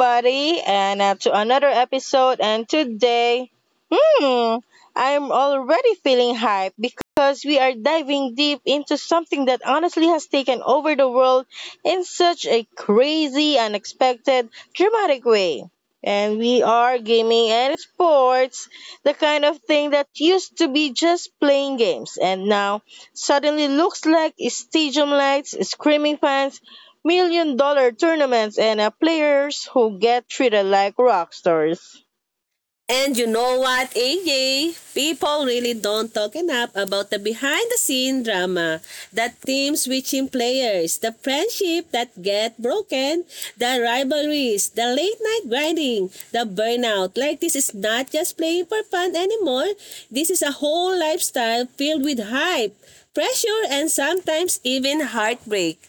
Everybody, and to another episode. And today, hmm, I'm already feeling hype because we are diving deep into something that honestly has taken over the world in such a crazy, unexpected, dramatic way. And we are gaming and sports, the kind of thing that used to be just playing games and now suddenly looks like stadium lights, screaming fans, $1 million tournaments and players who get treated like rock stars. And you know what, AJ? People really don't talk enough about the behind the scene drama, the team switching players, the friendship that get broken, the rivalries, the late night grinding, the burnout. Like this is not just playing for fun anymore. This is a whole lifestyle filled with hype, pressure, and sometimes even heartbreak.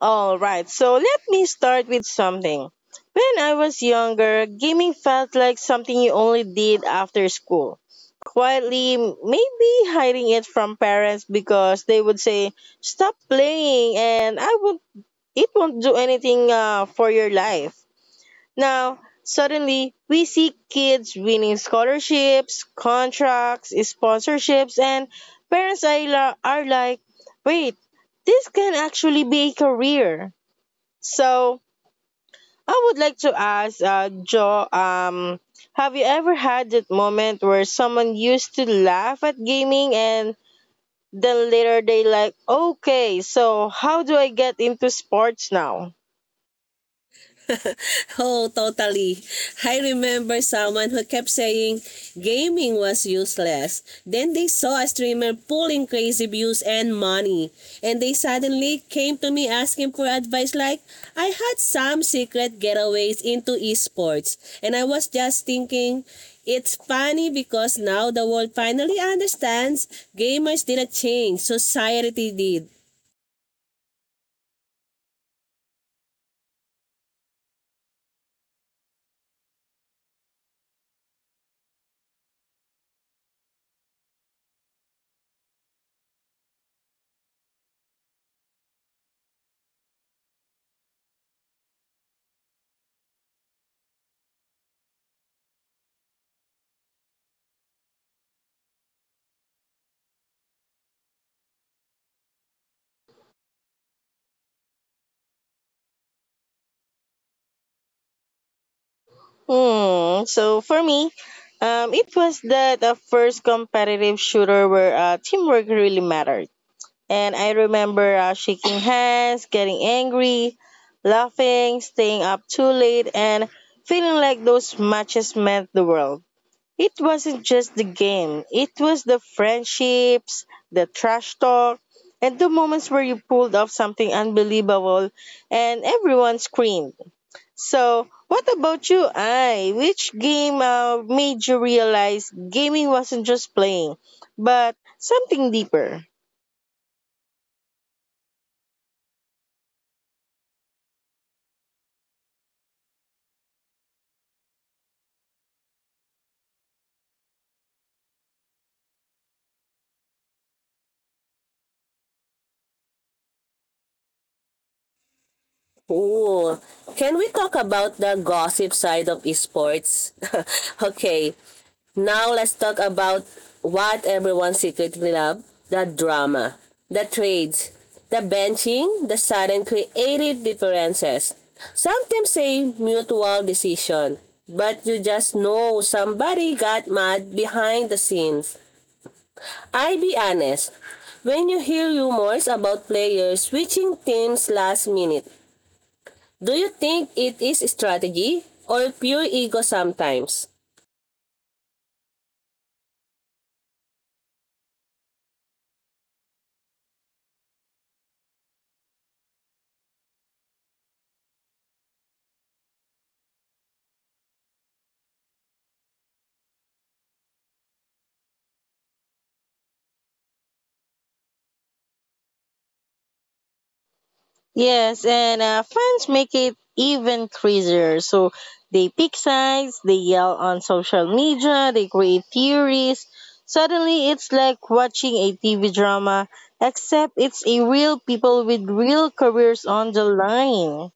All right, so let me start with something. When I was younger, gaming felt like something you only did after school. Quietly, maybe hiding it from parents because they would say, "Stop playing," and I would it won't do anything for your life. Now, suddenly, we see kids winning scholarships, contracts, sponsorships, and parents are, are like, wait, this can actually be a career. So, I would like to ask Joe, have you ever had that moment where someone used to laugh at gaming and then later they like, okay, so how do I get into sports now? Oh, totally. I remember someone who kept saying gaming was useless. Then they saw a streamer pulling crazy views and money. And they suddenly came to me asking for advice like, I had some secret getaways into esports. And I was just thinking, it's funny because now the world finally understands gamers didn't change, society did. Hmm. So for me, it was that the first competitive shooter where teamwork really mattered. And I remember shaking hands, getting angry, laughing, staying up too late, and feeling like those matches meant the world. It wasn't just the game, it was the friendships, the trash talk, and the moments where you pulled off something unbelievable and everyone screamed. So, what about you, I? Which game made you realize gaming wasn't just playing, but something deeper? Ooh, can we talk about the gossip side of esports? Okay, now let's talk about what everyone secretly love, the drama, the trades, the benching, the sudden creative differences. Sometimes say mutual decision, but you just know somebody got mad behind the scenes. I be honest, when you hear rumors about players switching teams last minute, do you think it is strategy or pure ego sometimes? Yes, and fans make it even crazier. So, they pick sides, they yell on social media, they create theories. Suddenly, it's like watching a TV drama, except it's a real people with real careers on the line.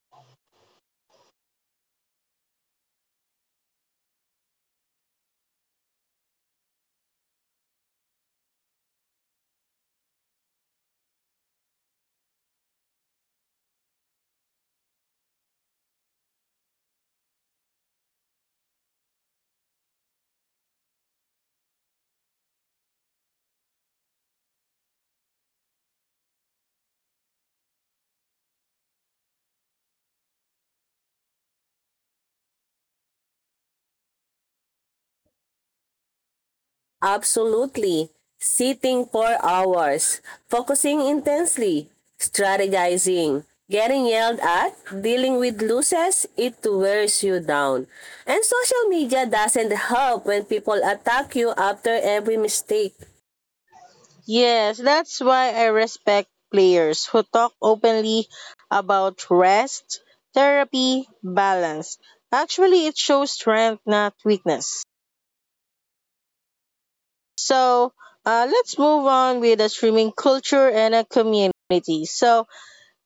Absolutely. Sitting for hours, focusing intensely, strategizing, getting yelled at, dealing with losses, it wears you down. And social media doesn't help when people attack you after every mistake. Yes, that's why I respect players who talk openly about rest, therapy, balance. Actually, it shows strength, not weakness. So, let's move on with the streaming culture and a community. So,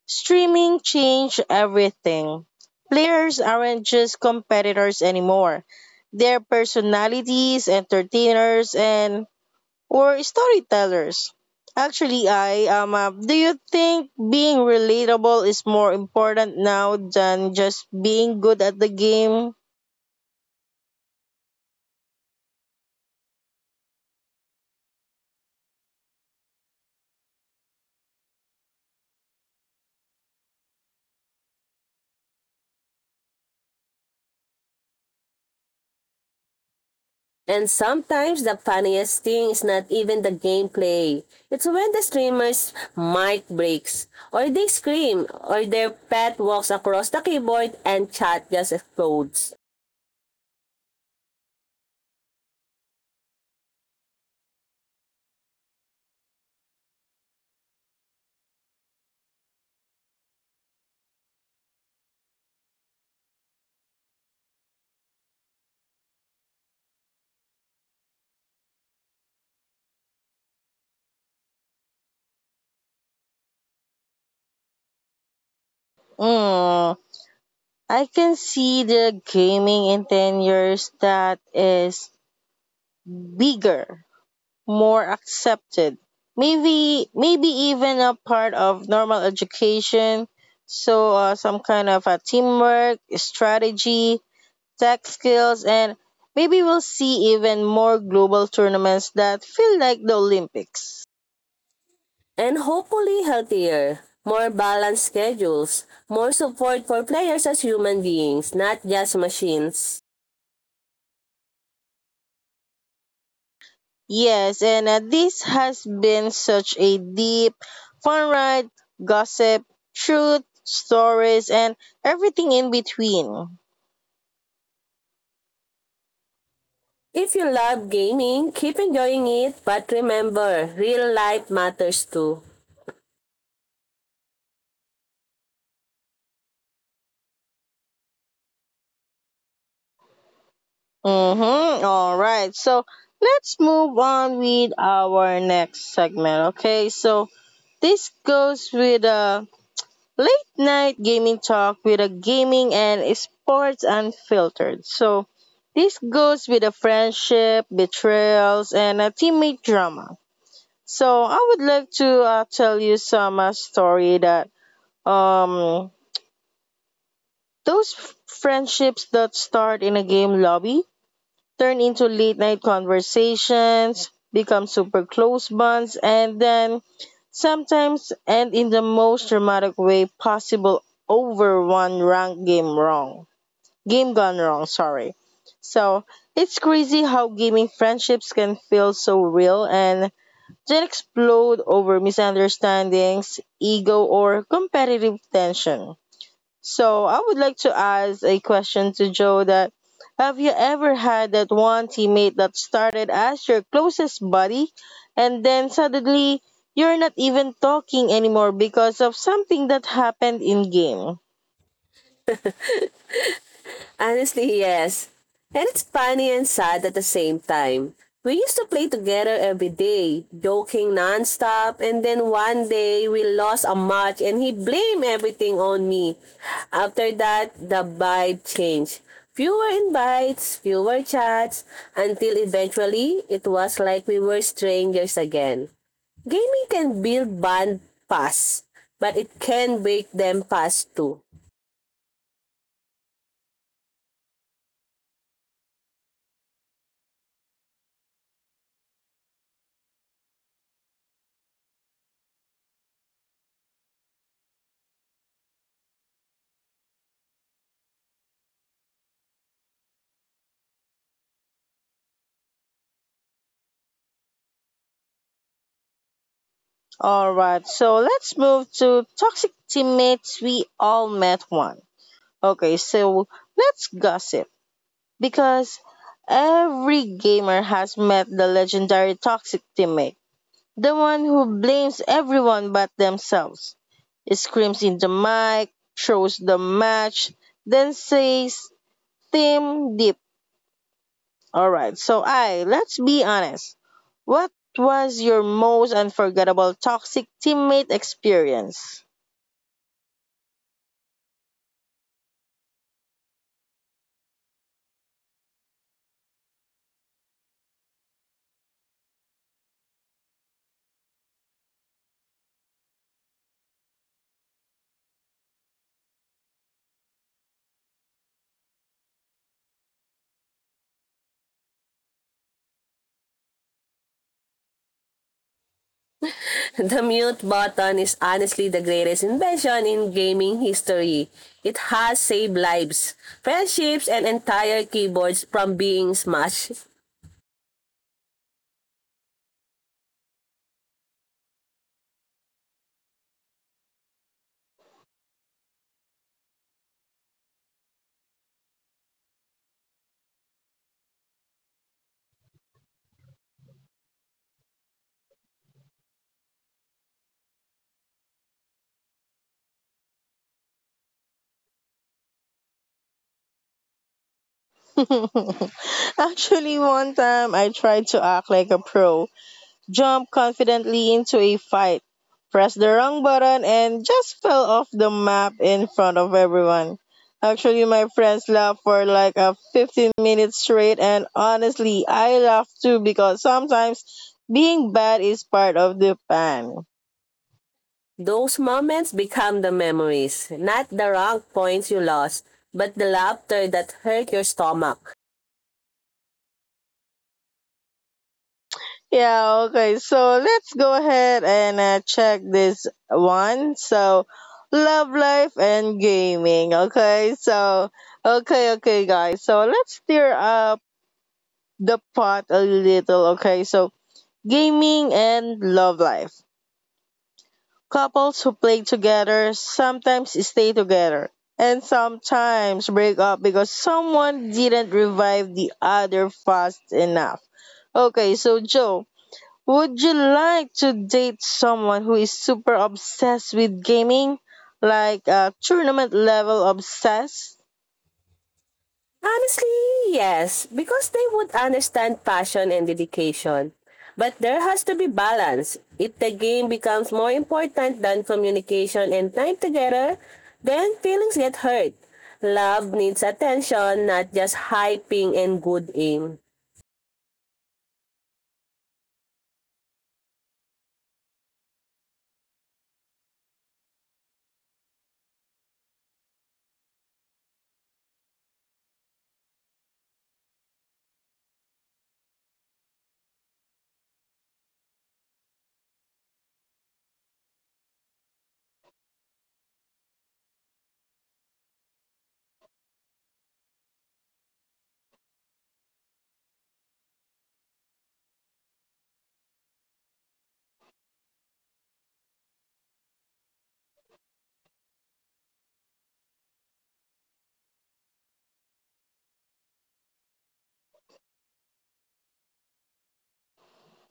streaming changed everything. Players aren't just competitors anymore. They're personalities, entertainers, and Or storytellers. Actually, I do you think being relatable is more important now than just being good at the game? And sometimes the funniest thing is not even the gameplay. It's when the streamer's mic breaks, or they scream, or their pet walks across the keyboard and chat just explodes. Mm, I can see the gaming in 10 years that is bigger, more accepted. Maybe even a part of normal education. So some kind of a teamwork, strategy, tech skills, and maybe we'll see even more global tournaments that feel like the Olympics. And hopefully healthier, more balanced schedules, more support for players as human beings, not just machines. Yes, and this has been such a deep, fun ride, gossip, truth, stories, and everything in between. If you love gaming, keep enjoying it, but remember, real life matters too. Mm-hmm. All right, so let's move on with our next segment. Okay, so this goes with late night gaming talk with a gaming and sports unfiltered. So this goes with a friendship, betrayals, and a teammate drama. So I would like to tell you some story that um friendships that start in a game lobby turn into late night conversations, become super close bonds, and then sometimes and in the most dramatic way possible over one rank game wrong. Game gone wrong, sorry. So it's crazy how gaming friendships can feel so real and then explode over misunderstandings, ego, or competitive tension. So I would like to ask a question to Joe that have you ever had that one teammate that started as your closest buddy and then suddenly you're not even talking anymore because of something that happened in game? Honestly, yes. And it's funny and sad at the same time. We used to play together every day, joking nonstop, and then one day we lost a match and he blamed everything on me. After that, the vibe changed. Fewer invites, fewer chats, until eventually it was like we were strangers again. Gaming can build bond fast, but it can break them fast too. All right, so let's move to toxic teammates we all met one. Okay, so let's gossip because every gamer has met the legendary toxic teammate. The one who blames everyone but themselves. Screams in the mic, throws the match, then says, "Team deep." Alright, so I, let's be honest. What was your most unforgettable toxic teammate experience? The mute button is honestly the greatest invention in gaming history. It has saved lives, friendships, and entire keyboards from being smashed. Actually, one time I tried to act like a pro jumped confidently into a fight, pressed the wrong button, and just fell off the map in front of everyone. Actually, my friends laughed for like a 15 minutes straight, and honestly, I laughed too because sometimes being bad is part of the fun. Those moments become the memories, not the rank points you lost, but the laughter that hurt your stomach. Yeah, okay, so let's go ahead and check this one. So, love life and gaming, okay? So, okay, okay, guys. So, let's tear up the pot a little, okay? So, gaming and love life. Couples who play together sometimes stay together and sometimes break up because someone didn't revive the other fast enough. Okay, so Joe, would you like to date someone who is super obsessed with gaming? Like tournament level obsessed? Honestly, yes, because they would understand passion and dedication. But there has to be balance. If the game becomes more important than communication and time together, then feelings get hurt. Love needs attention, not just hyping and good aim.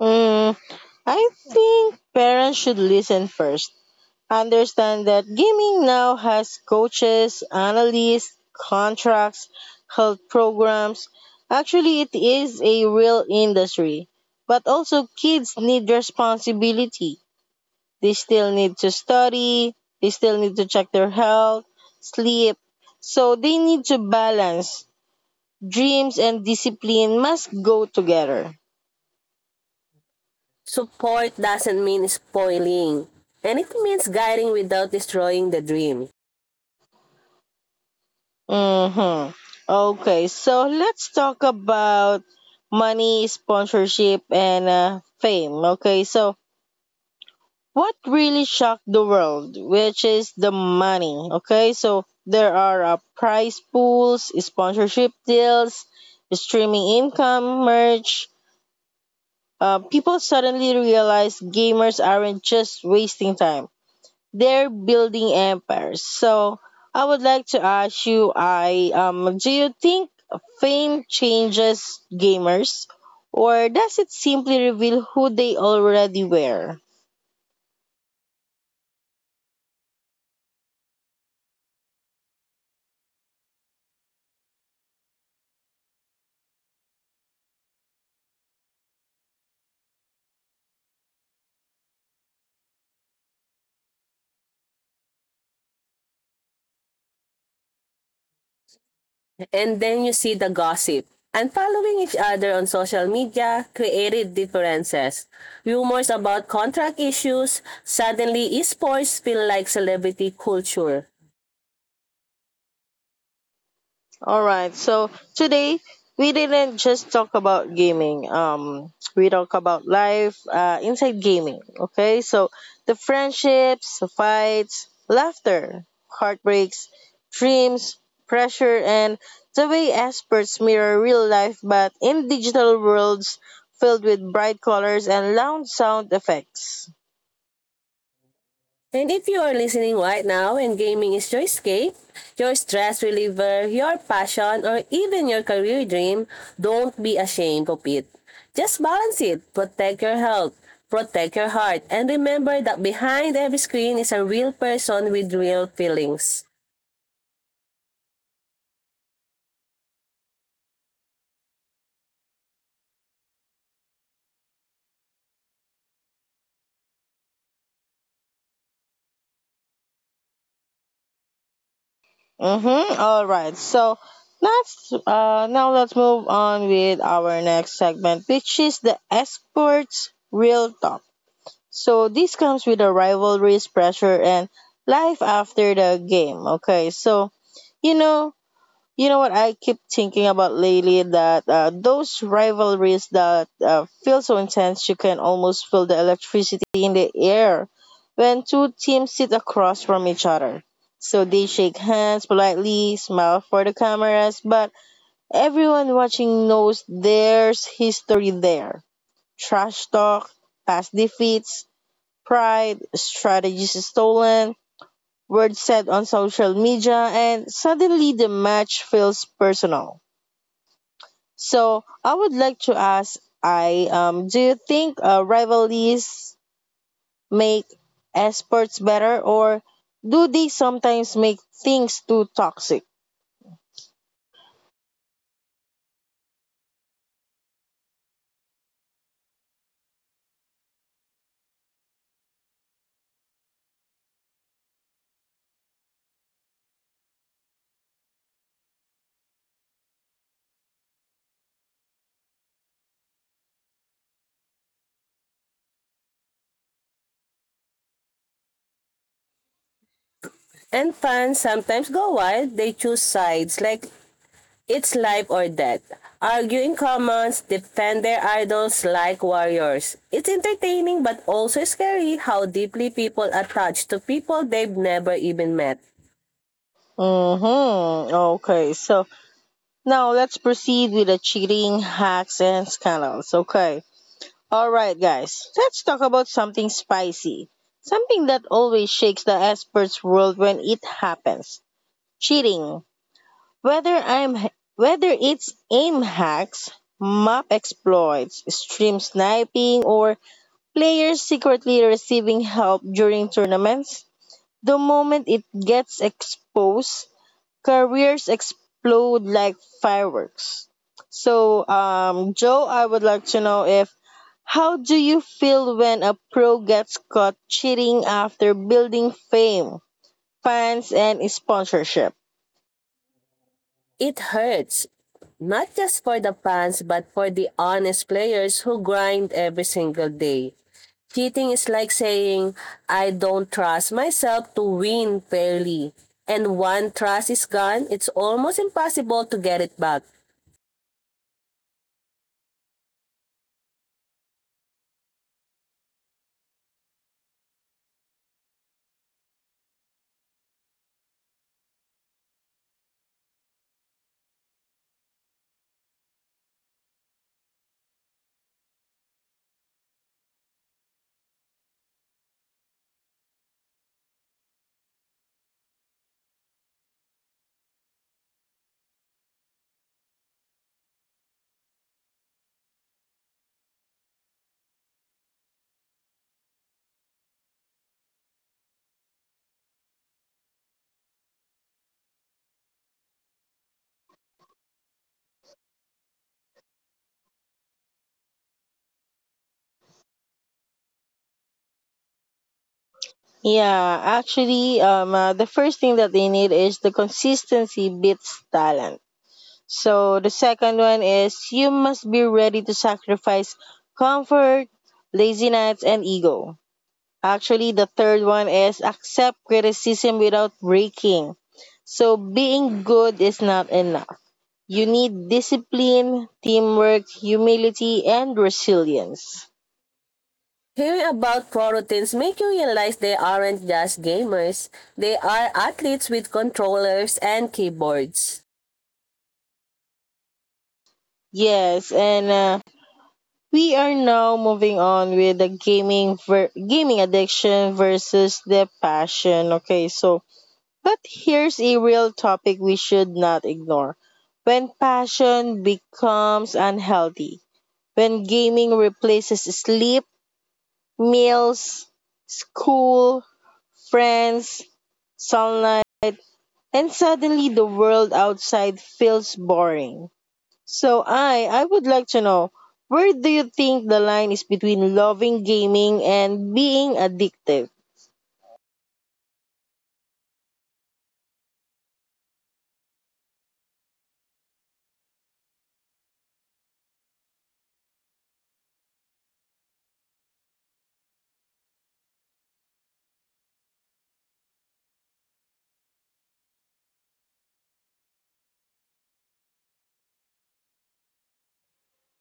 Mm, I think parents should listen first. Understand that gaming now has coaches, analysts, contracts, health programs. Actually, it is a real industry. But also, kids need responsibility. They still need to study, they still need to check their health, sleep. So, they need to balance. Dreams and discipline must go together. Support doesn't mean spoiling, and it means guiding without destroying the dream. Mm-hmm. Okay, so let's talk about money, sponsorship, and fame. Okay, so what really shocked the world, which is the money. Okay, so there are prize pools, sponsorship deals, streaming income, merch. People suddenly realize gamers aren't just wasting time they're building empires. So I would like to ask you, I do you think fame changes gamers, or does it simply reveal who they already were? And then you see the gossip. And following each other on social media created differences. Rumors about contract issues, suddenly esports feel like celebrity culture. All right. So today we didn't just talk about gaming. We talk about life inside gaming. Okay. So the friendships, the fights, laughter, heartbreaks, dreams, pressure, and the way experts mirror real life, but in digital worlds filled with bright colors and loud sound effects. And if you are listening right now and gaming is your escape, your stress reliever, your passion, or even your career dream, don't be ashamed of it. Just balance it. Protect your health. Protect your heart. And remember that behind every screen is a real person with real feelings. Mm-hmm. All right. So let's now let's move on with our next segment, which is the esports real talk. So this comes with the rivalries, pressure, and life after the game. Okay. So you know you know what I keep thinking about lately that those rivalries that feel so intense you can almost feel the electricity in the air when two teams sit across from each other. So they shake hands politely, smile for the cameras, but everyone watching knows there's history there. Trash talk, past defeats, pride, strategies stolen, words said on social media, and suddenly the match feels personal. So I would like to ask, I do you think rivalries make sports better, or do they sometimes make things too toxic? And fans sometimes go wild. They choose sides like it's life or death. Argue in comments, defend their idols like warriors. It's entertaining but also scary how deeply people attach to people they've never even met. Mm-hmm. Okay, so now let's proceed with the cheating, hacks, and scandals. Okay. All right, guys. Let's talk about something spicy. Something that always shakes the experts' world when it happens. Cheating. Whether I'm whether it's aim hacks, map exploits, stream sniping, or players secretly receiving help during tournaments, the moment it gets exposed, careers explode like fireworks. So, Joe, I would like to know if how do you feel when a pro gets caught cheating after building fame, fans, and sponsorship? It hurts, not just for the fans but for the honest players who grind every single day. Cheating is like saying, I don't trust myself to win fairly. And one trust is gone, it's almost impossible to get it back. Yeah, actually, the first thing that they need is the consistency beats talent. So the second one is you must be ready to sacrifice comfort, lazy nights, and ego. Actually, the third one is accept criticism without breaking. So being good is not enough. You need discipline, teamwork, humility, and resilience. Hearing about pro routines make you realize they aren't just gamers. They are athletes with controllers and keyboards. Yes, and we are now moving on with the gaming addiction versus the passion. Okay, so but here's a real topic we should not ignore. When passion becomes unhealthy, when gaming replaces sleep, meals, school, friends, sunlight, and suddenly the world outside feels boring. So I would like to know where do you think the line is between loving gaming and being addictive?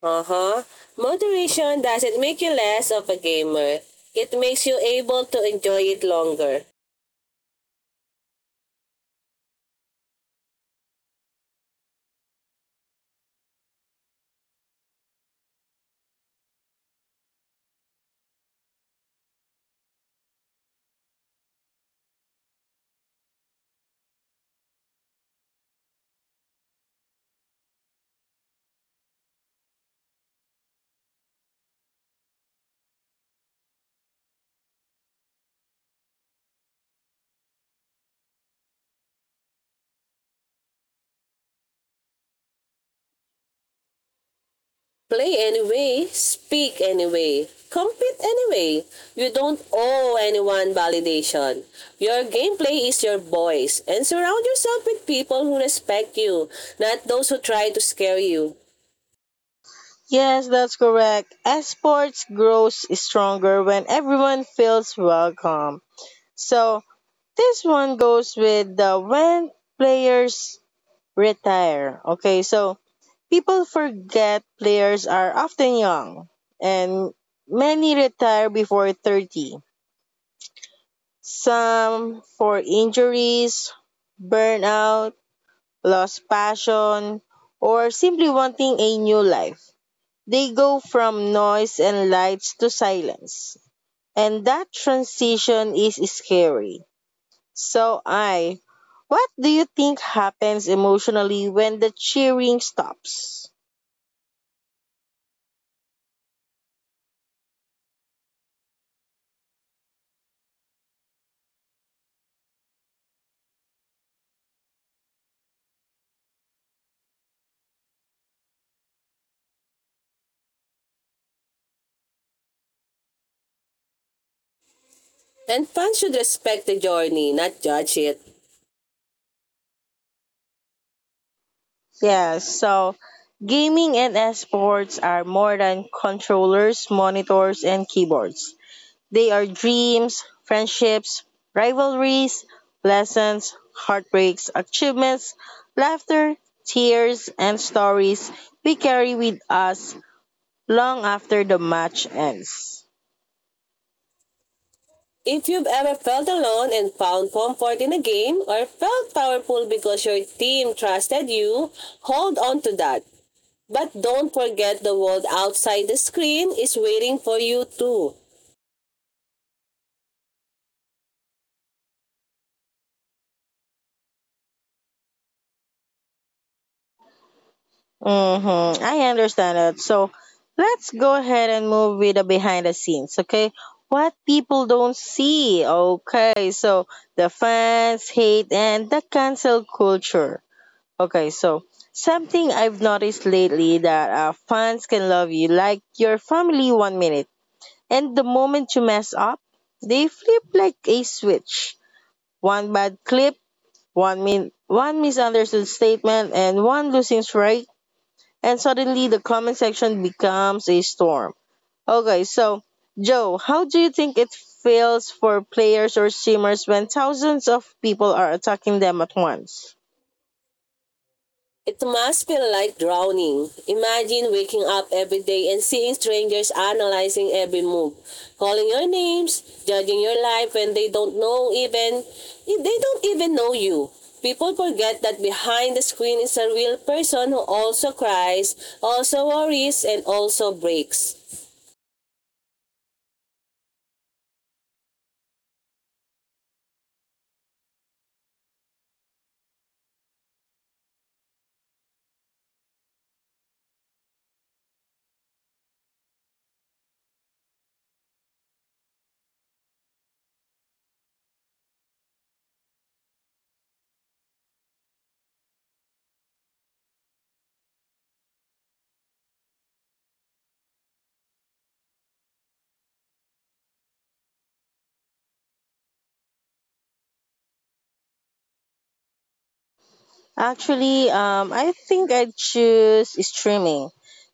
Uh-huh. Moderation doesn't make you less of a gamer. It makes you able to enjoy it longer. Play anyway, speak anyway, compete anyway. You don't owe anyone validation. Your gameplay is your voice, and surround yourself with people who respect you, not those who try to scare you. Yes, that's correct. As sports grows stronger when everyone feels welcome. So this one goes with the when players retire. Okay, so people forget players are often young and many retire before 30. Some for injuries, burnout, lost passion, or simply wanting a new life. They go from noise and lights to silence. And that transition is scary. So, I, what do you think happens emotionally when the cheering stops? And fans should respect the journey, not judge it. Yeah, so gaming and esports are more than controllers, monitors, and keyboards. They are dreams, friendships, rivalries, lessons, heartbreaks, achievements, laughter, tears, and stories we carry with us long after the match ends. If you've ever felt alone and found comfort in a game or felt powerful because your team trusted you, hold on to that. But don't forget the world outside the screen is waiting for you too. Mm-hmm. I understand it. So let's go ahead and move with the behind the scenes, okay? What people don't see, okay? So the fans, hate, and the cancel culture. Okay, so something I've noticed lately that fans can love you like your family 1 minute, and the moment you mess up, they flip like a switch. One bad clip, one misunderstood statement, and one losing streak, and suddenly the comment section becomes a storm. Okay, so Joe, how do you think it feels for players or streamers when thousands of people are attacking them at once? It must feel like drowning. Imagine waking up every day and seeing strangers analyzing every move, calling your names, judging your life when they don't know even they don't even know you. People forget that behind the screen is a real person who also cries, also worries, and also breaks. Actually, I think I'd choose streaming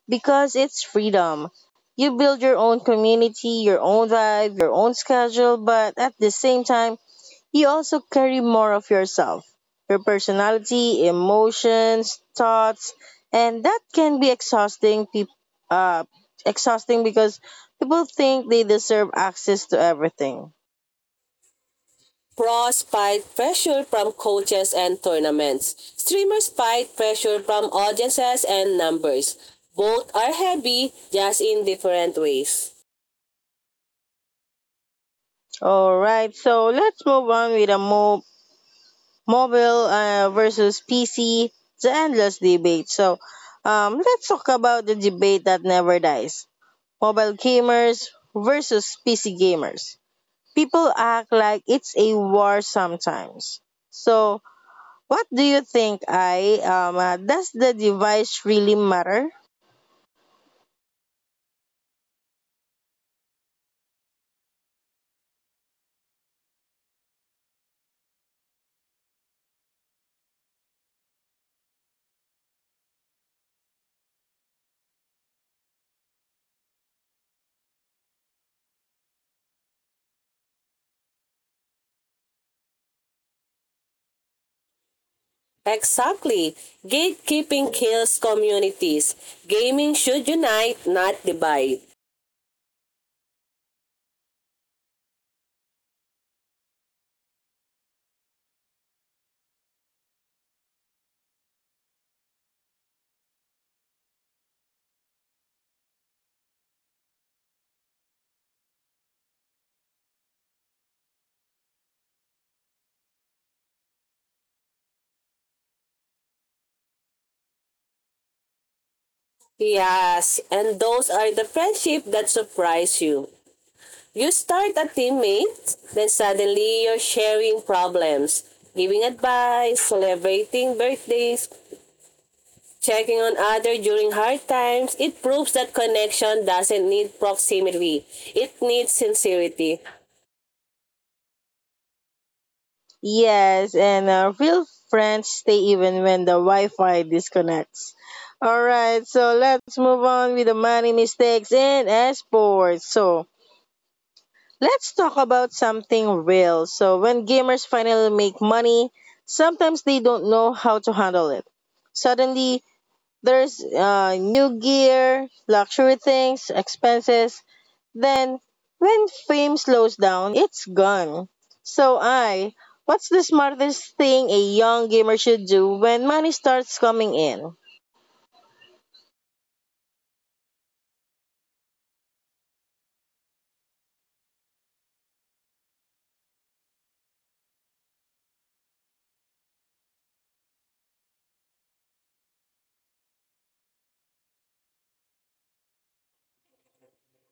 because it's freedom. You build your own community, your own vibe, your own schedule, but at the same time, you also carry more of yourself your personality, emotions, thoughts, and that can be exhausting. Peop uh, Exhausting because people think they deserve access to everything. Pros fight pressure from coaches and tournaments. Streamers fight pressure from audiences and numbers. Both are heavy, just in different ways. All right, so let's move on with a more mobile versus PC, the endless debate. So, let's talk about the debate that never dies, mobile gamers versus PC gamers. People act like it's a war sometimes. So, what do you think, I? Does the device really matter? Exactly. Gatekeeping kills communities. Gaming should unite, not divide. Yes, and those are the friendship that surprise you. You start a teammate, then suddenly you're sharing problems, giving advice, celebrating birthdays, checking on other during hard times, it proves that connection doesn't need proximity. It needs sincerity. Yes, and real friends stay even when the Wi Fi disconnects. All right, so let's move on with the money mistakes in esports. So, let's talk about something real. So, when gamers finally make money, sometimes they don't know how to handle it. Suddenly, there's new gear, luxury things, expenses. Then, when fame slows down, it's gone. So, I, what's the smartest thing a young gamer should do when money starts coming in?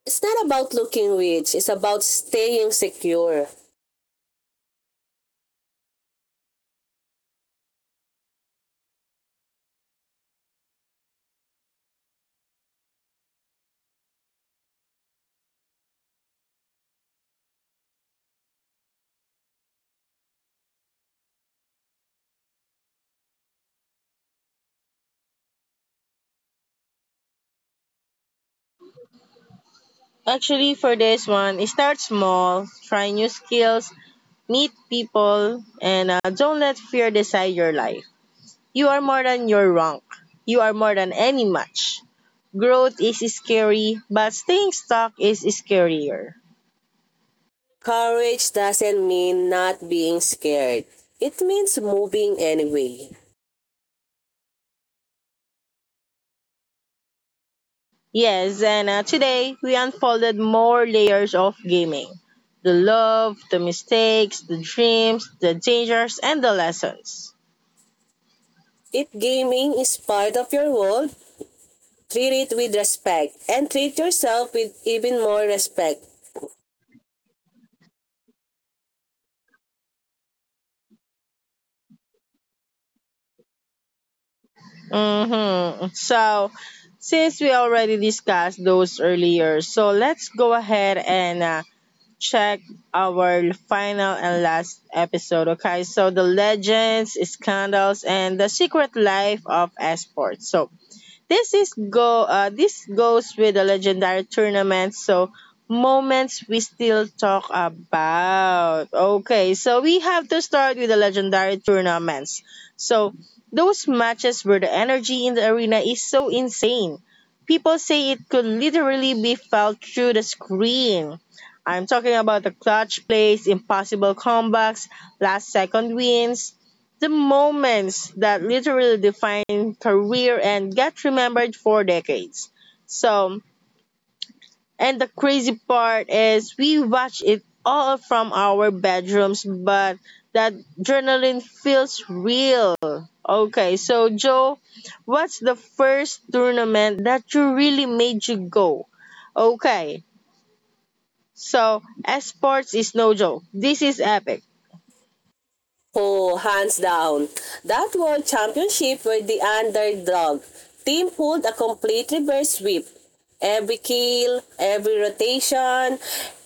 It's not about looking rich, it's about staying secure. Actually, for this one, start small, try new skills, meet people, and don't let fear decide your life. You are more than your rank. You are more than any match. Growth is scary, but staying stuck is scarier. Courage doesn't mean not being scared. It means moving anyway. Yes, and today we unfolded more layers of gaming, the love, the mistakes, the dreams, the dangers, and the lessons. If gaming is part of your world, treat it with respect and treat yourself with even more respect. Mm-hmm. So, since we already discussed those earlier, so let's go ahead and check our final and last episode, okay? So the legends, scandals, and the secret life of esports. So this is go this goes with the legendary tournament, so moments we still talk about. Okay, so we have to start with the legendary tournaments. So those matches where the energy in the arena is so insane. People say it could literally be felt through the screen. I'm talking about the clutch plays, impossible comebacks, last second wins, the moments that literally define career and get remembered for decades. So, and the crazy part is we watch it all from our bedrooms, but that adrenaline feels real. Okay, so Joe, what's the first tournament that you really made you go? Okay, so esports is no joke. This is epic. Oh, hands down. That World Championship were the underdog. Team pulled a complete reverse sweep. Every kill, every rotation,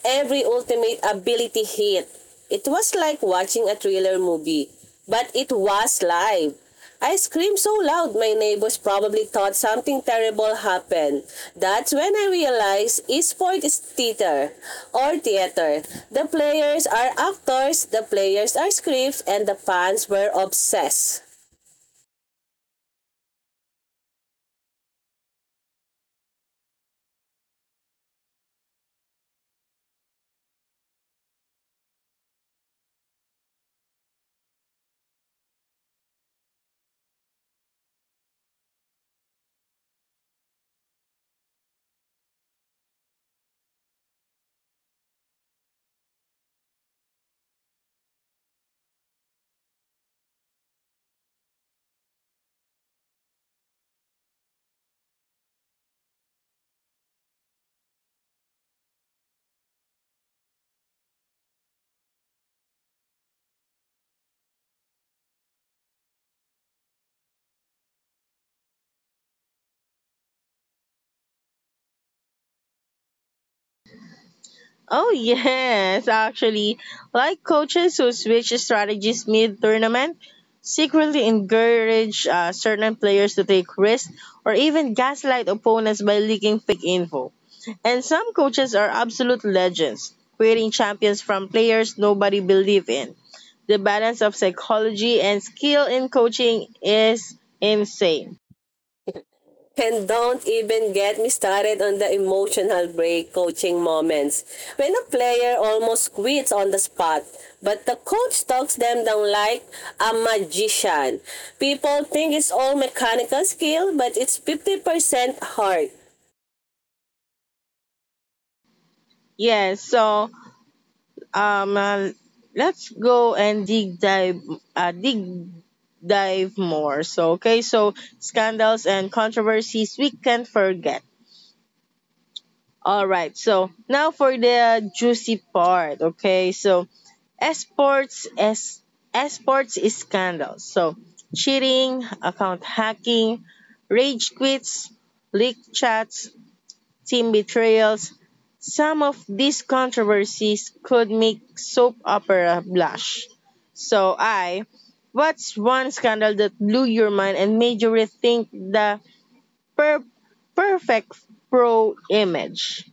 every ultimate ability hit. It was like watching a thriller movie, but it was live. I screamed so loud my neighbors probably thought something terrible happened. That's when I realized esport is theater or theater. The players are actors, the players are scripts, and the fans were obsessed. Oh, yes, actually. Like coaches who switch strategies mid tournament, secretly encourage certain players to take risks or even gaslight opponents by leaking fake info. And some coaches are absolute legends, creating champions from players nobody believed in. The balance of psychology and skill in coaching is insane. And don't even get me started on the emotional break coaching moments. When a player almost quits on the spot, but the coach talks them down like a magician. People think it's all mechanical skill, but it's 50% heart. Yes, so um, uh, let's go and dig dive more. So, okay, so scandals and controversies we can't forget. All right, so now for the juicy part. Okay, so esports es, esports is scandals. So cheating, account hacking, rage quits, leaked chats, team betrayals, some of these controversies could make soap opera blush. So I, what's one scandal that blew your mind and made you rethink the per- perfect pro image?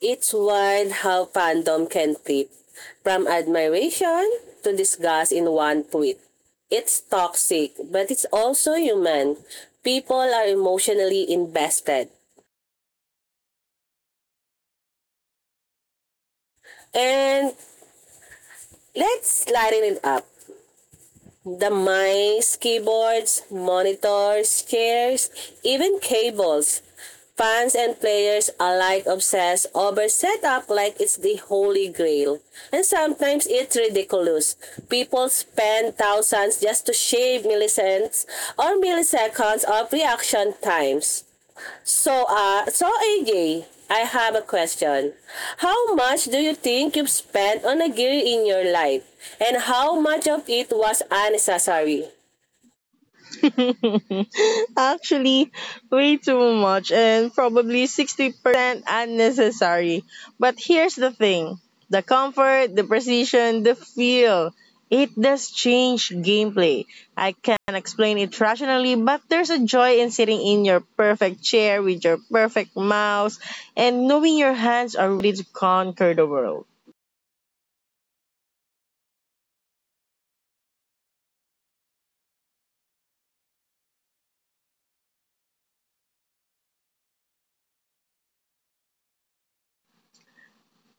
It's wild how fandom can flip from admiration to disgust in one tweet. It's toxic, but it's also human. People are emotionally invested. And let's lighten it up. The mice, keyboards, monitors, chairs, even cables. Fans and players alike obsess over setup like it's the holy grail. And sometimes it's ridiculous. People spend thousands just to shave milliseconds or milliseconds of reaction times. So AJ, I have a question. How much do you think you've spent on a gear in your life? And how much of it was unnecessary? Actually, way too much and probably 60% unnecessary. But here's the thing, the comfort, the precision, the feel. It does change gameplay. I can't explain it rationally, but there's a joy in sitting in your perfect chair with your perfect mouse and knowing your hands are ready to conquer the world.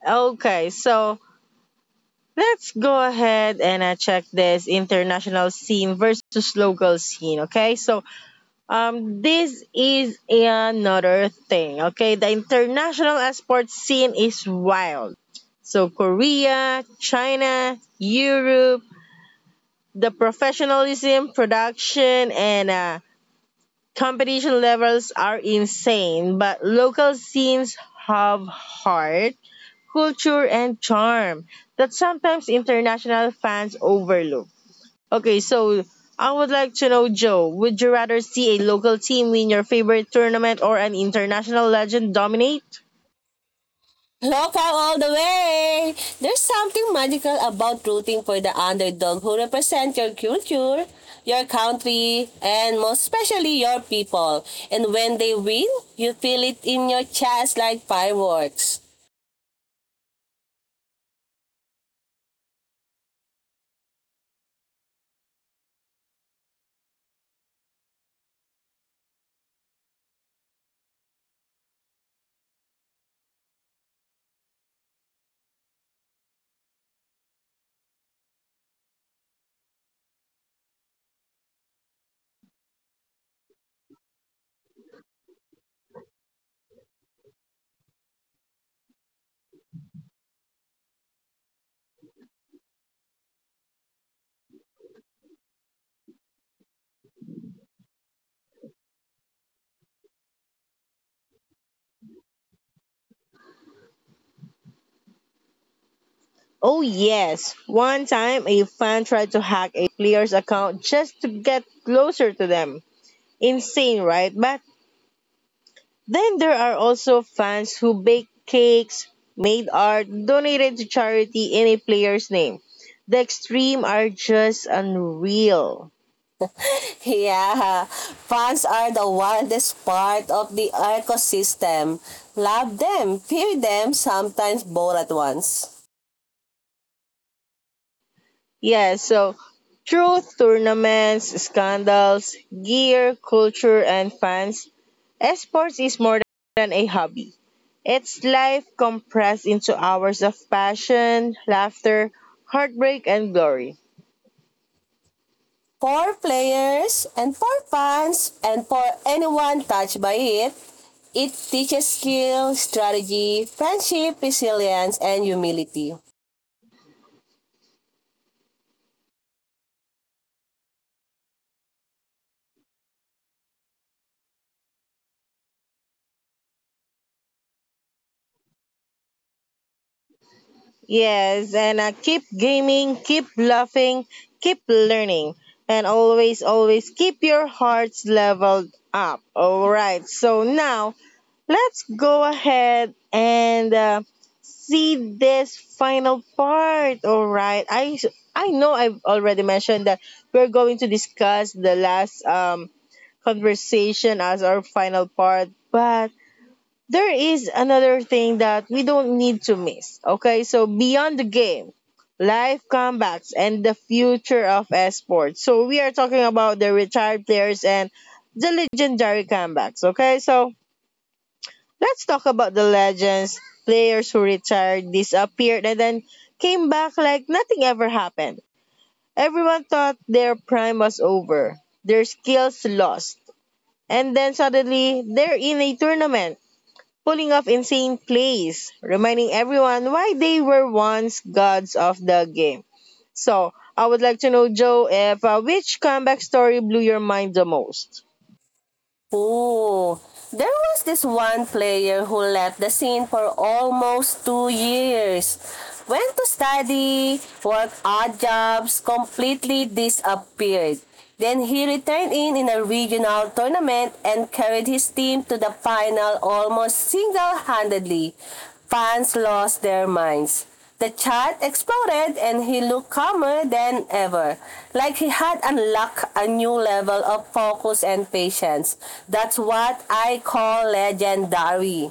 Okay, so let's go ahead and check this international scene versus local scene. Okay, so this is another thing. Okay, the international sports scene is wild. So Korea, China, Europe, the professionalism, production, and competition levels are insane. But local scenes have heart, culture, and charm that sometimes international fans overlook. Okay, so I would like to know, Joe, would you rather see a local team win your favorite tournament or an international legend dominate? Local all the way! There's something magical about rooting for the underdog who represent your culture, your country, and most especially your people. And when they win, you feel it in your chest like fireworks. Oh, yes. One time, a fan tried to hack a player's account just to get closer to them. Insane, right? But then there are also fans who bake cakes, made art, donated to charity in a player's name. The extreme are just unreal. Yeah, fans are the wildest part of the ecosystem. Love them, fear them, sometimes both at once. Yeah, so truth, tournaments, scandals, gear, culture, and fans. Esports is more than a hobby. It's life compressed into hours of passion, laughter, heartbreak, and glory. For players and for fans and for anyone touched by it teaches skill, strategy, friendship, resilience, and humility. Yes, and keep gaming, keep laughing, keep learning, and always, always keep your hearts leveled up. All right, so now let's go ahead and see this final part. All right. I know I've already mentioned that we're going to discuss the last conversation as our final part, but there is another thing that we don't need to miss. Okay? So beyond the game, live comebacks and the future of esports. So we are talking about the retired players and the legendary comebacks. Okay? So let's talk about the legends, players who retired, disappeared, and then came back like nothing ever happened. Everyone thought their prime was over, their skills lost, and then suddenly they're in a tournament, pulling off insane plays, reminding everyone why they were once gods of the game. So, I would like to know, Joe, if which comeback story blew your mind the most? Oh, there was this one player who left the scene for almost 2 years. Went to study, worked odd jobs, completely disappeared. Then he returned in a regional tournament and carried his team to the final almost single-handedly. Fans lost their minds. The child exploded and he looked calmer than ever, like he had unlocked a new level of focus and patience. That's what I call legendary.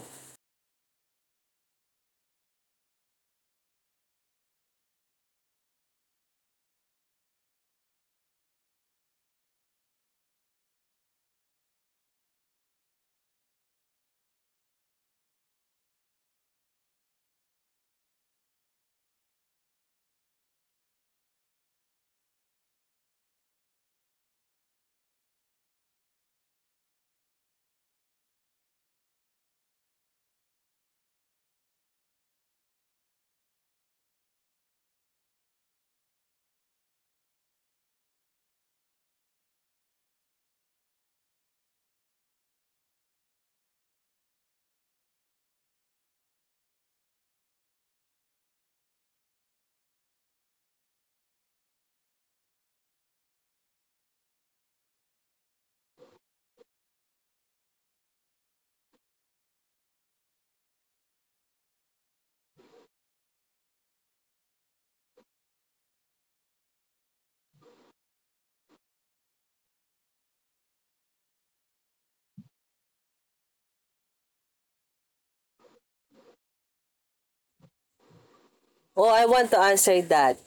Oh, I want to answer that.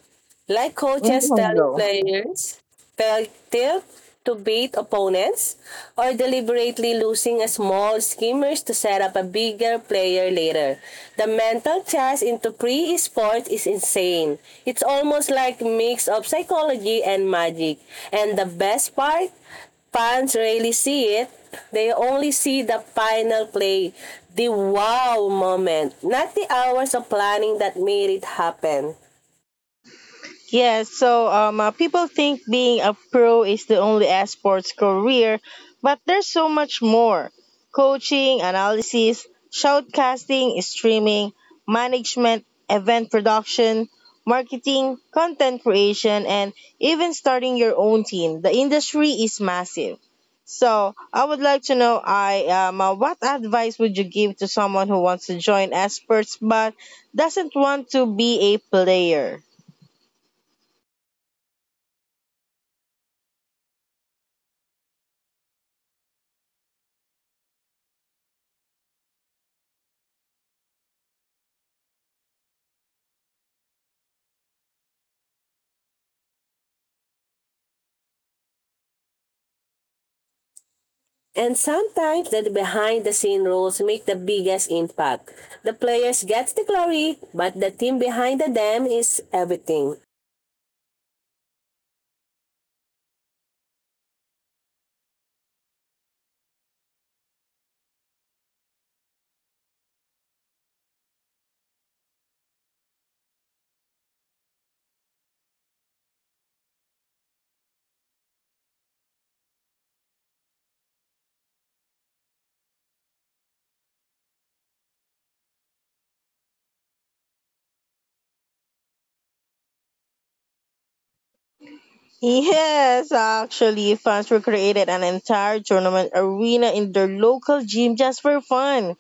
Like coaches telling Oh. players, failure to beat opponents or deliberately losing a small skimmers to set up a bigger player later. The mental chess into pre-sport is insane. It's almost like mix of psychology and magic. And the best part, fans rarely see it. They only see the final play, the wow moment, not the hours of planning that made it happen. Yeah, so people think being a pro is the only sports career, but there's so much more. Coaching, analysis, shoutcasting, streaming, management, event production, marketing, content creation, and even starting your own team. The industry is massive. So I would like to know, I what advice would you give to someone who wants to join sports but doesn't want to be a player? And sometimes the behind the scene roles make the biggest impact. The players get the glory, but the team behind them is everything. Yes, actually, fans were created an entire tournament arena in their local gym just for fun.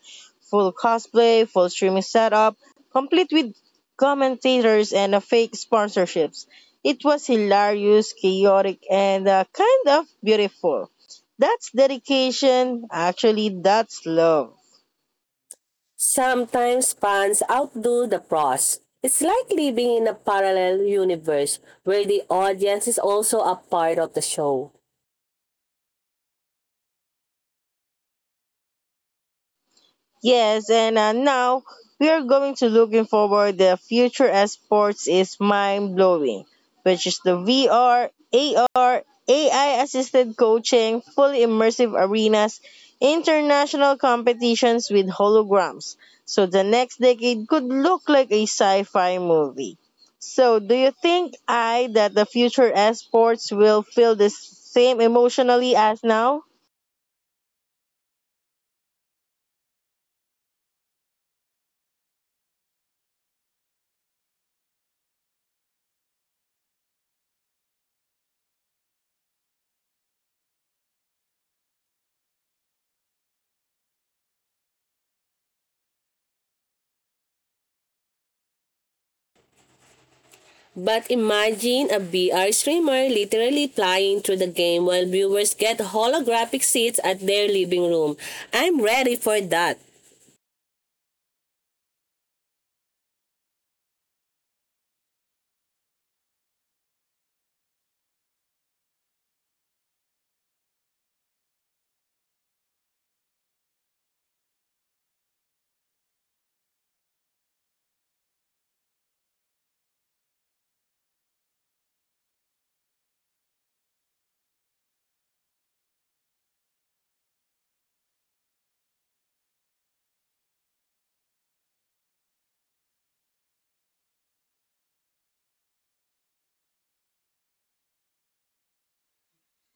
Full cosplay, full streaming setup, complete with commentators and fake sponsorships. It was hilarious, chaotic, and kind of beautiful. That's dedication. Actually, that's love. Sometimes fans outdo the pros. It's like living in a parallel universe where the audience is also a part of the show. Yes, and now we are going to looking forward the future esports is mind blowing, which is the VR, AR, AI assisted coaching, fully immersive arenas, international competitions with holograms. So the next decade could look like a sci-fi movie. So do you think I that the future esports will feel the same emotionally as now? But imagine a VR streamer literally flying through the game while viewers get holographic seats at their living room. I'm ready for that.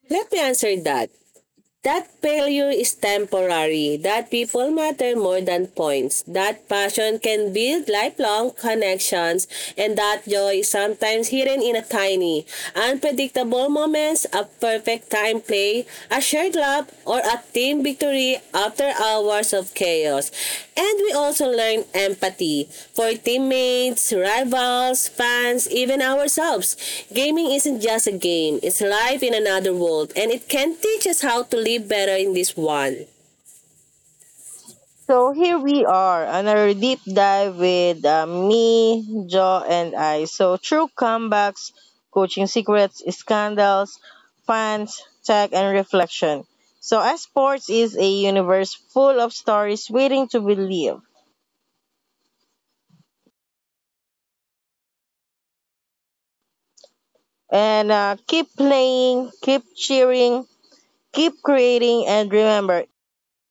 Let me answer that. That failure is temporary. That people matter more than points. That passion can build lifelong connections. And that joy is sometimes hidden in a tiny, unpredictable moments, a perfect time play, a shared love, or a at Team Victory after hours of chaos. And we also learned empathy for teammates, rivals, fans, even ourselves. Gaming isn't just a game, it's life in another world, and it can teach us how to live better in this one. So here we are, on our deep dive with me, Joe, and I. So true comebacks, coaching secrets, scandals, fans, tech, and reflection. So as sports is a universe full of stories waiting to be lived. And keep playing, keep cheering, keep creating, and remember,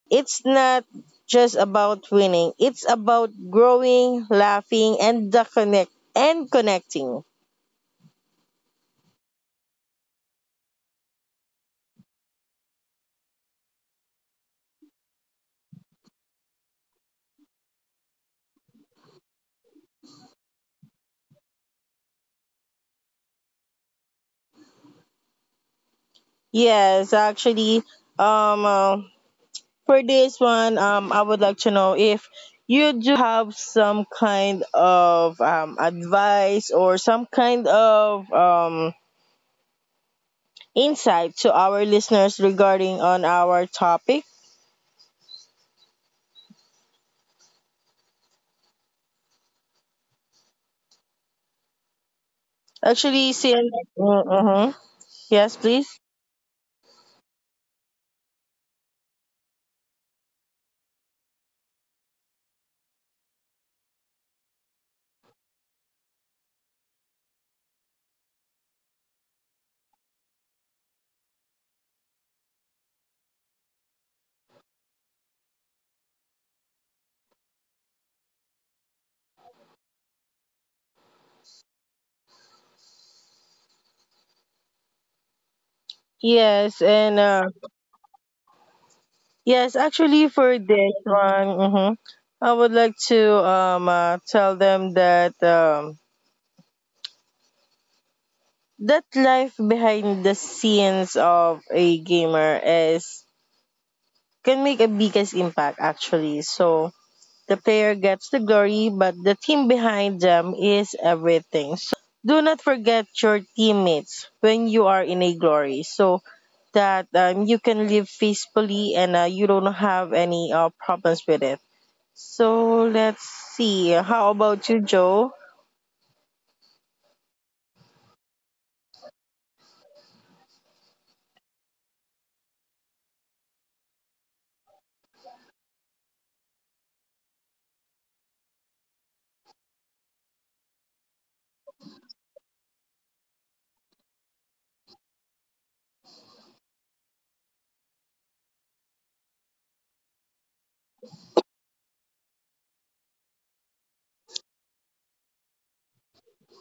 it's not just about winning. It's about growing, laughing, and the connect and connecting. Yes, actually, um, uh, for this one, I would like to know if you do have some kind of advice or some kind of insight to our listeners regarding on our topic. Actually, since mm-hmm, yes, please. Yes, and yes, actually, for this one, mm-hmm, I would like to tell them that. That life behind the scenes of a gamer is can make a biggest impact actually. So the player gets the glory, but the team behind them is everything. Do not forget your teammates when you are in a glory, so that you can live peacefully and you don't have any problems with it. So let's see. How about you, Joe?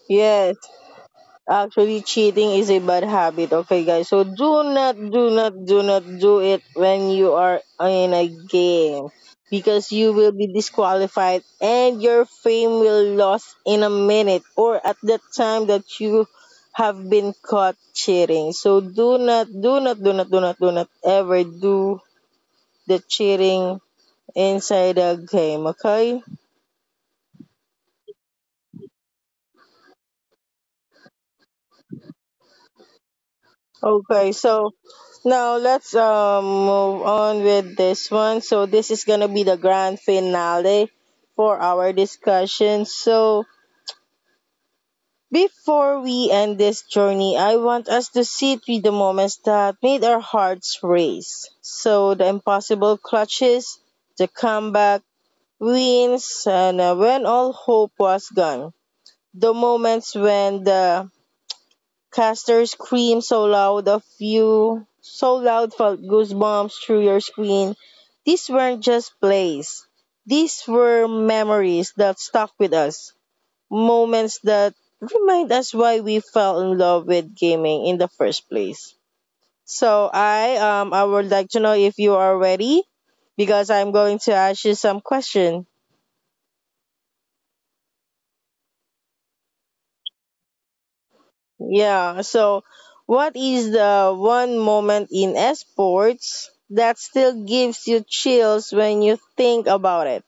Yes. Actually, cheating is a bad habit. Okay, guys. So do not, do not, do not do it when you are in a game, because you will be disqualified and your fame will lost in a minute or at the time that you have been caught cheating. So do not, do not, do not, do not, do not ever do the cheating inside a game. Okay. Okay. So now let's move on with this one. So this is gonna be the grand finale for our discussion. So before we end this journey, I want us to sit with the moments that made our hearts race. So the impossible clutches, the comeback wins, and when all hope was gone. The moments when the Caster screamed so loud felt goosebumps through your screen. These weren't just plays. These were memories that stuck with us. Moments that remind us why we fell in love with gaming in the first place. So I would like to know if you are ready because I'm going to ask you some question. Yeah. So, what is the one moment in sports that still gives you chills when you think about it?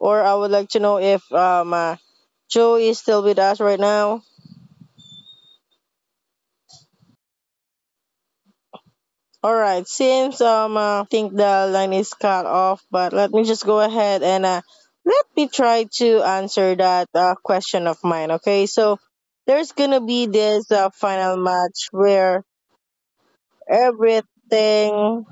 Or I would like to know if Joe is still with us right now. All right. Since think the line is cut off, but let me just go ahead and let me try to answer that question of mine. Okay. So there's gonna be this final match where everything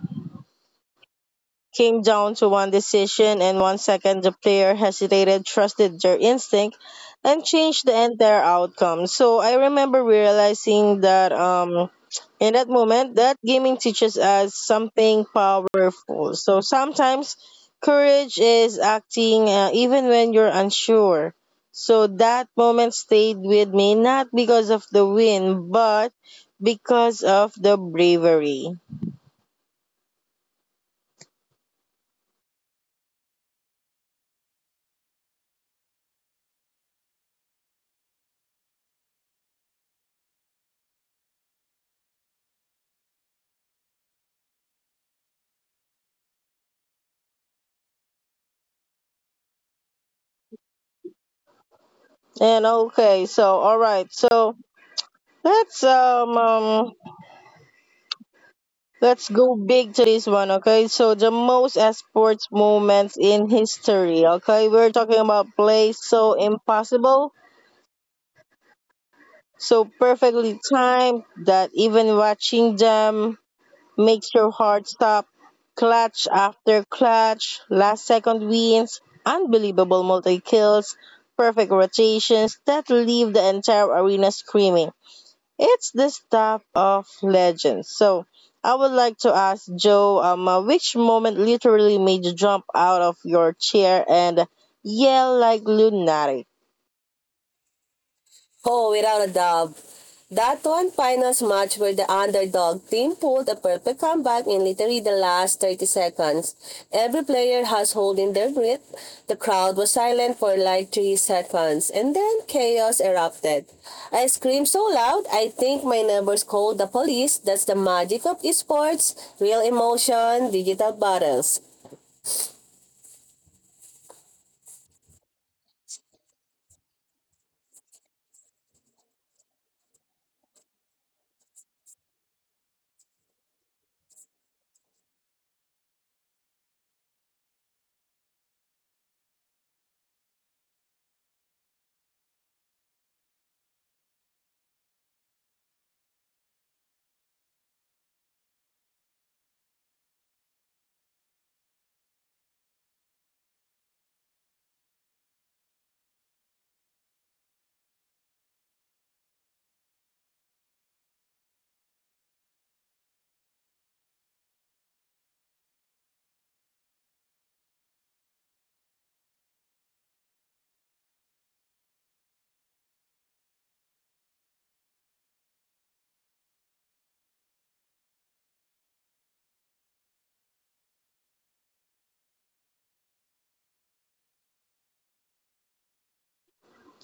came down to one decision and 1 second the player hesitated, trusted their instinct, and changed the entire outcome. So I remember realizing that in that moment that gaming teaches us something powerful. So sometimes courage is acting even when you're unsure. So that moment stayed with me not because of the win but because of the bravery. And okay, so all right. So let's let's go big to this one, okay? So the most sports moments in history, okay? We're talking about plays so impossible, so perfectly timed that even watching them makes your heart stop. Clutch after clutch, last second wins, unbelievable multi kills, perfect rotations that leave the entire arena screaming. It's the stuff of legends. So I would like to ask Joe, which moment literally made you jump out of your chair and yell like lunatic? Oh, without a doubt. That one finals match where the underdog team pulled a perfect comeback in literally the last 30 seconds. Every player has holding their breath. The crowd was silent for like 3 seconds and then chaos erupted. I screamed so loud, I think my neighbors called the police. That's the magic of esports, real emotion, digital battles.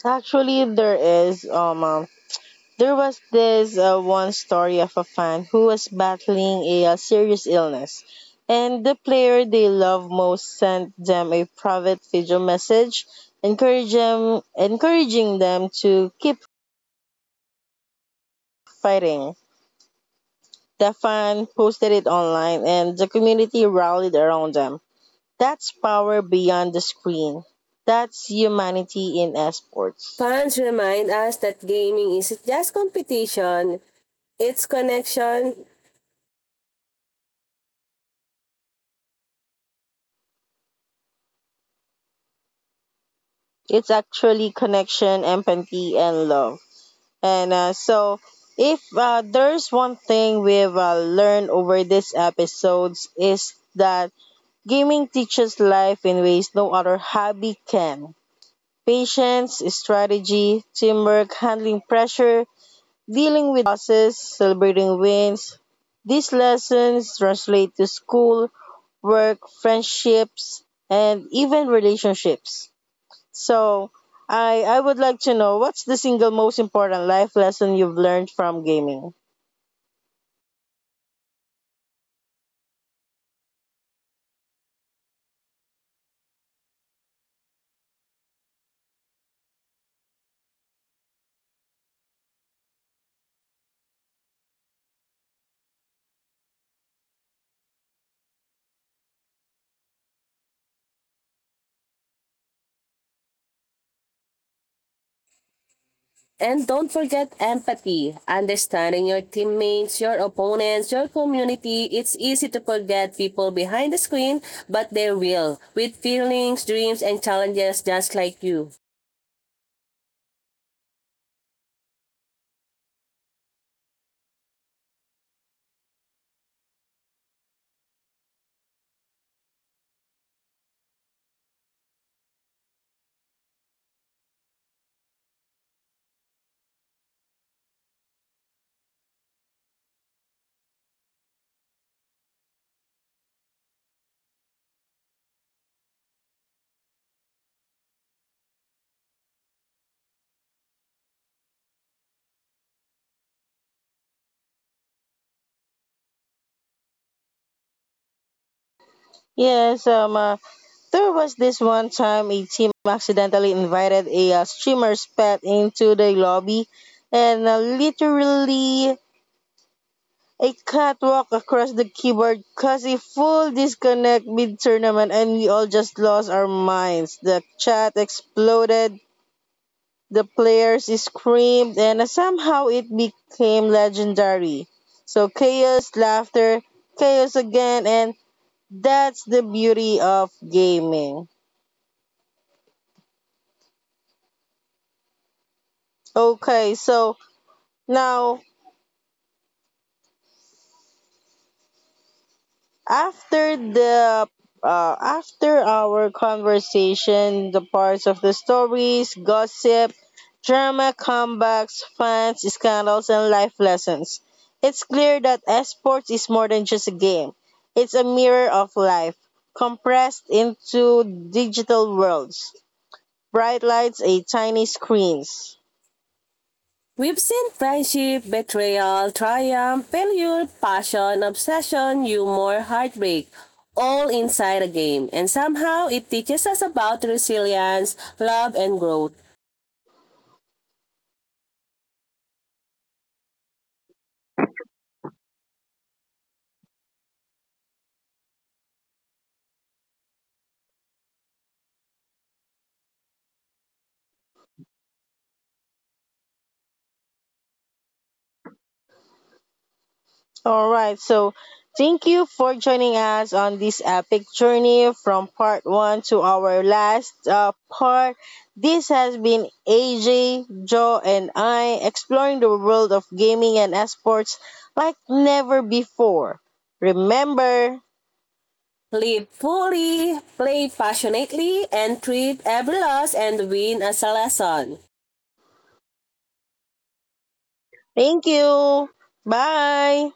Actually, there is there was this one story of a fan who was battling a serious illness, and the player they love most sent them a private video message, encouraging them to keep fighting. Stefan posted it online and the community rallied around them. That's power beyond the screen. That's humanity in esports. Fans remind us that gaming isn't just competition, it's connection, It's actually connection, empathy, and love. And if there's one thing we've learned over these episodes, is that gaming teaches life in ways no other hobby can. Patience, strategy, teamwork, handling pressure, dealing with losses, celebrating wins. These lessons translate to school, work, friendships, and even relationships. So, I would like to know what's the single most important life lesson you've learned from gaming? and don't forget empathy, understanding your teammates, your opponents, your community. It's easy to forget people behind the screen, but they will, with feelings, dreams, and challenges just like you. Yes, there was this one time a team accidentally invited a streamer's pet into the lobby and literally a cat walked across the keyboard causing full disconnect mid-tournament and we all just lost our minds. The chat exploded, the players screamed, and somehow it became legendary. So chaos, laughter, chaos again, and that's the beauty of gaming. Okay, so now after the after our conversation, the parts of the stories, gossip, drama, comebacks, fans, scandals, and life lessons. It's clear that esports is more than just a game. It's a mirror of life, compressed into digital worlds, bright lights, and tiny screens. We've seen friendship, betrayal, triumph, failure, passion, obsession, humor, heartbreak, all inside a game. And somehow it teaches us about resilience, love, and growth. All right. So thank you for joining us on this epic journey from part one to our last part. This has been AJ, Joe, and I exploring the world of gaming and esports like never before. Remember, Live fully, play passionately, and treat every loss and win as a lesson. thank you. Bye.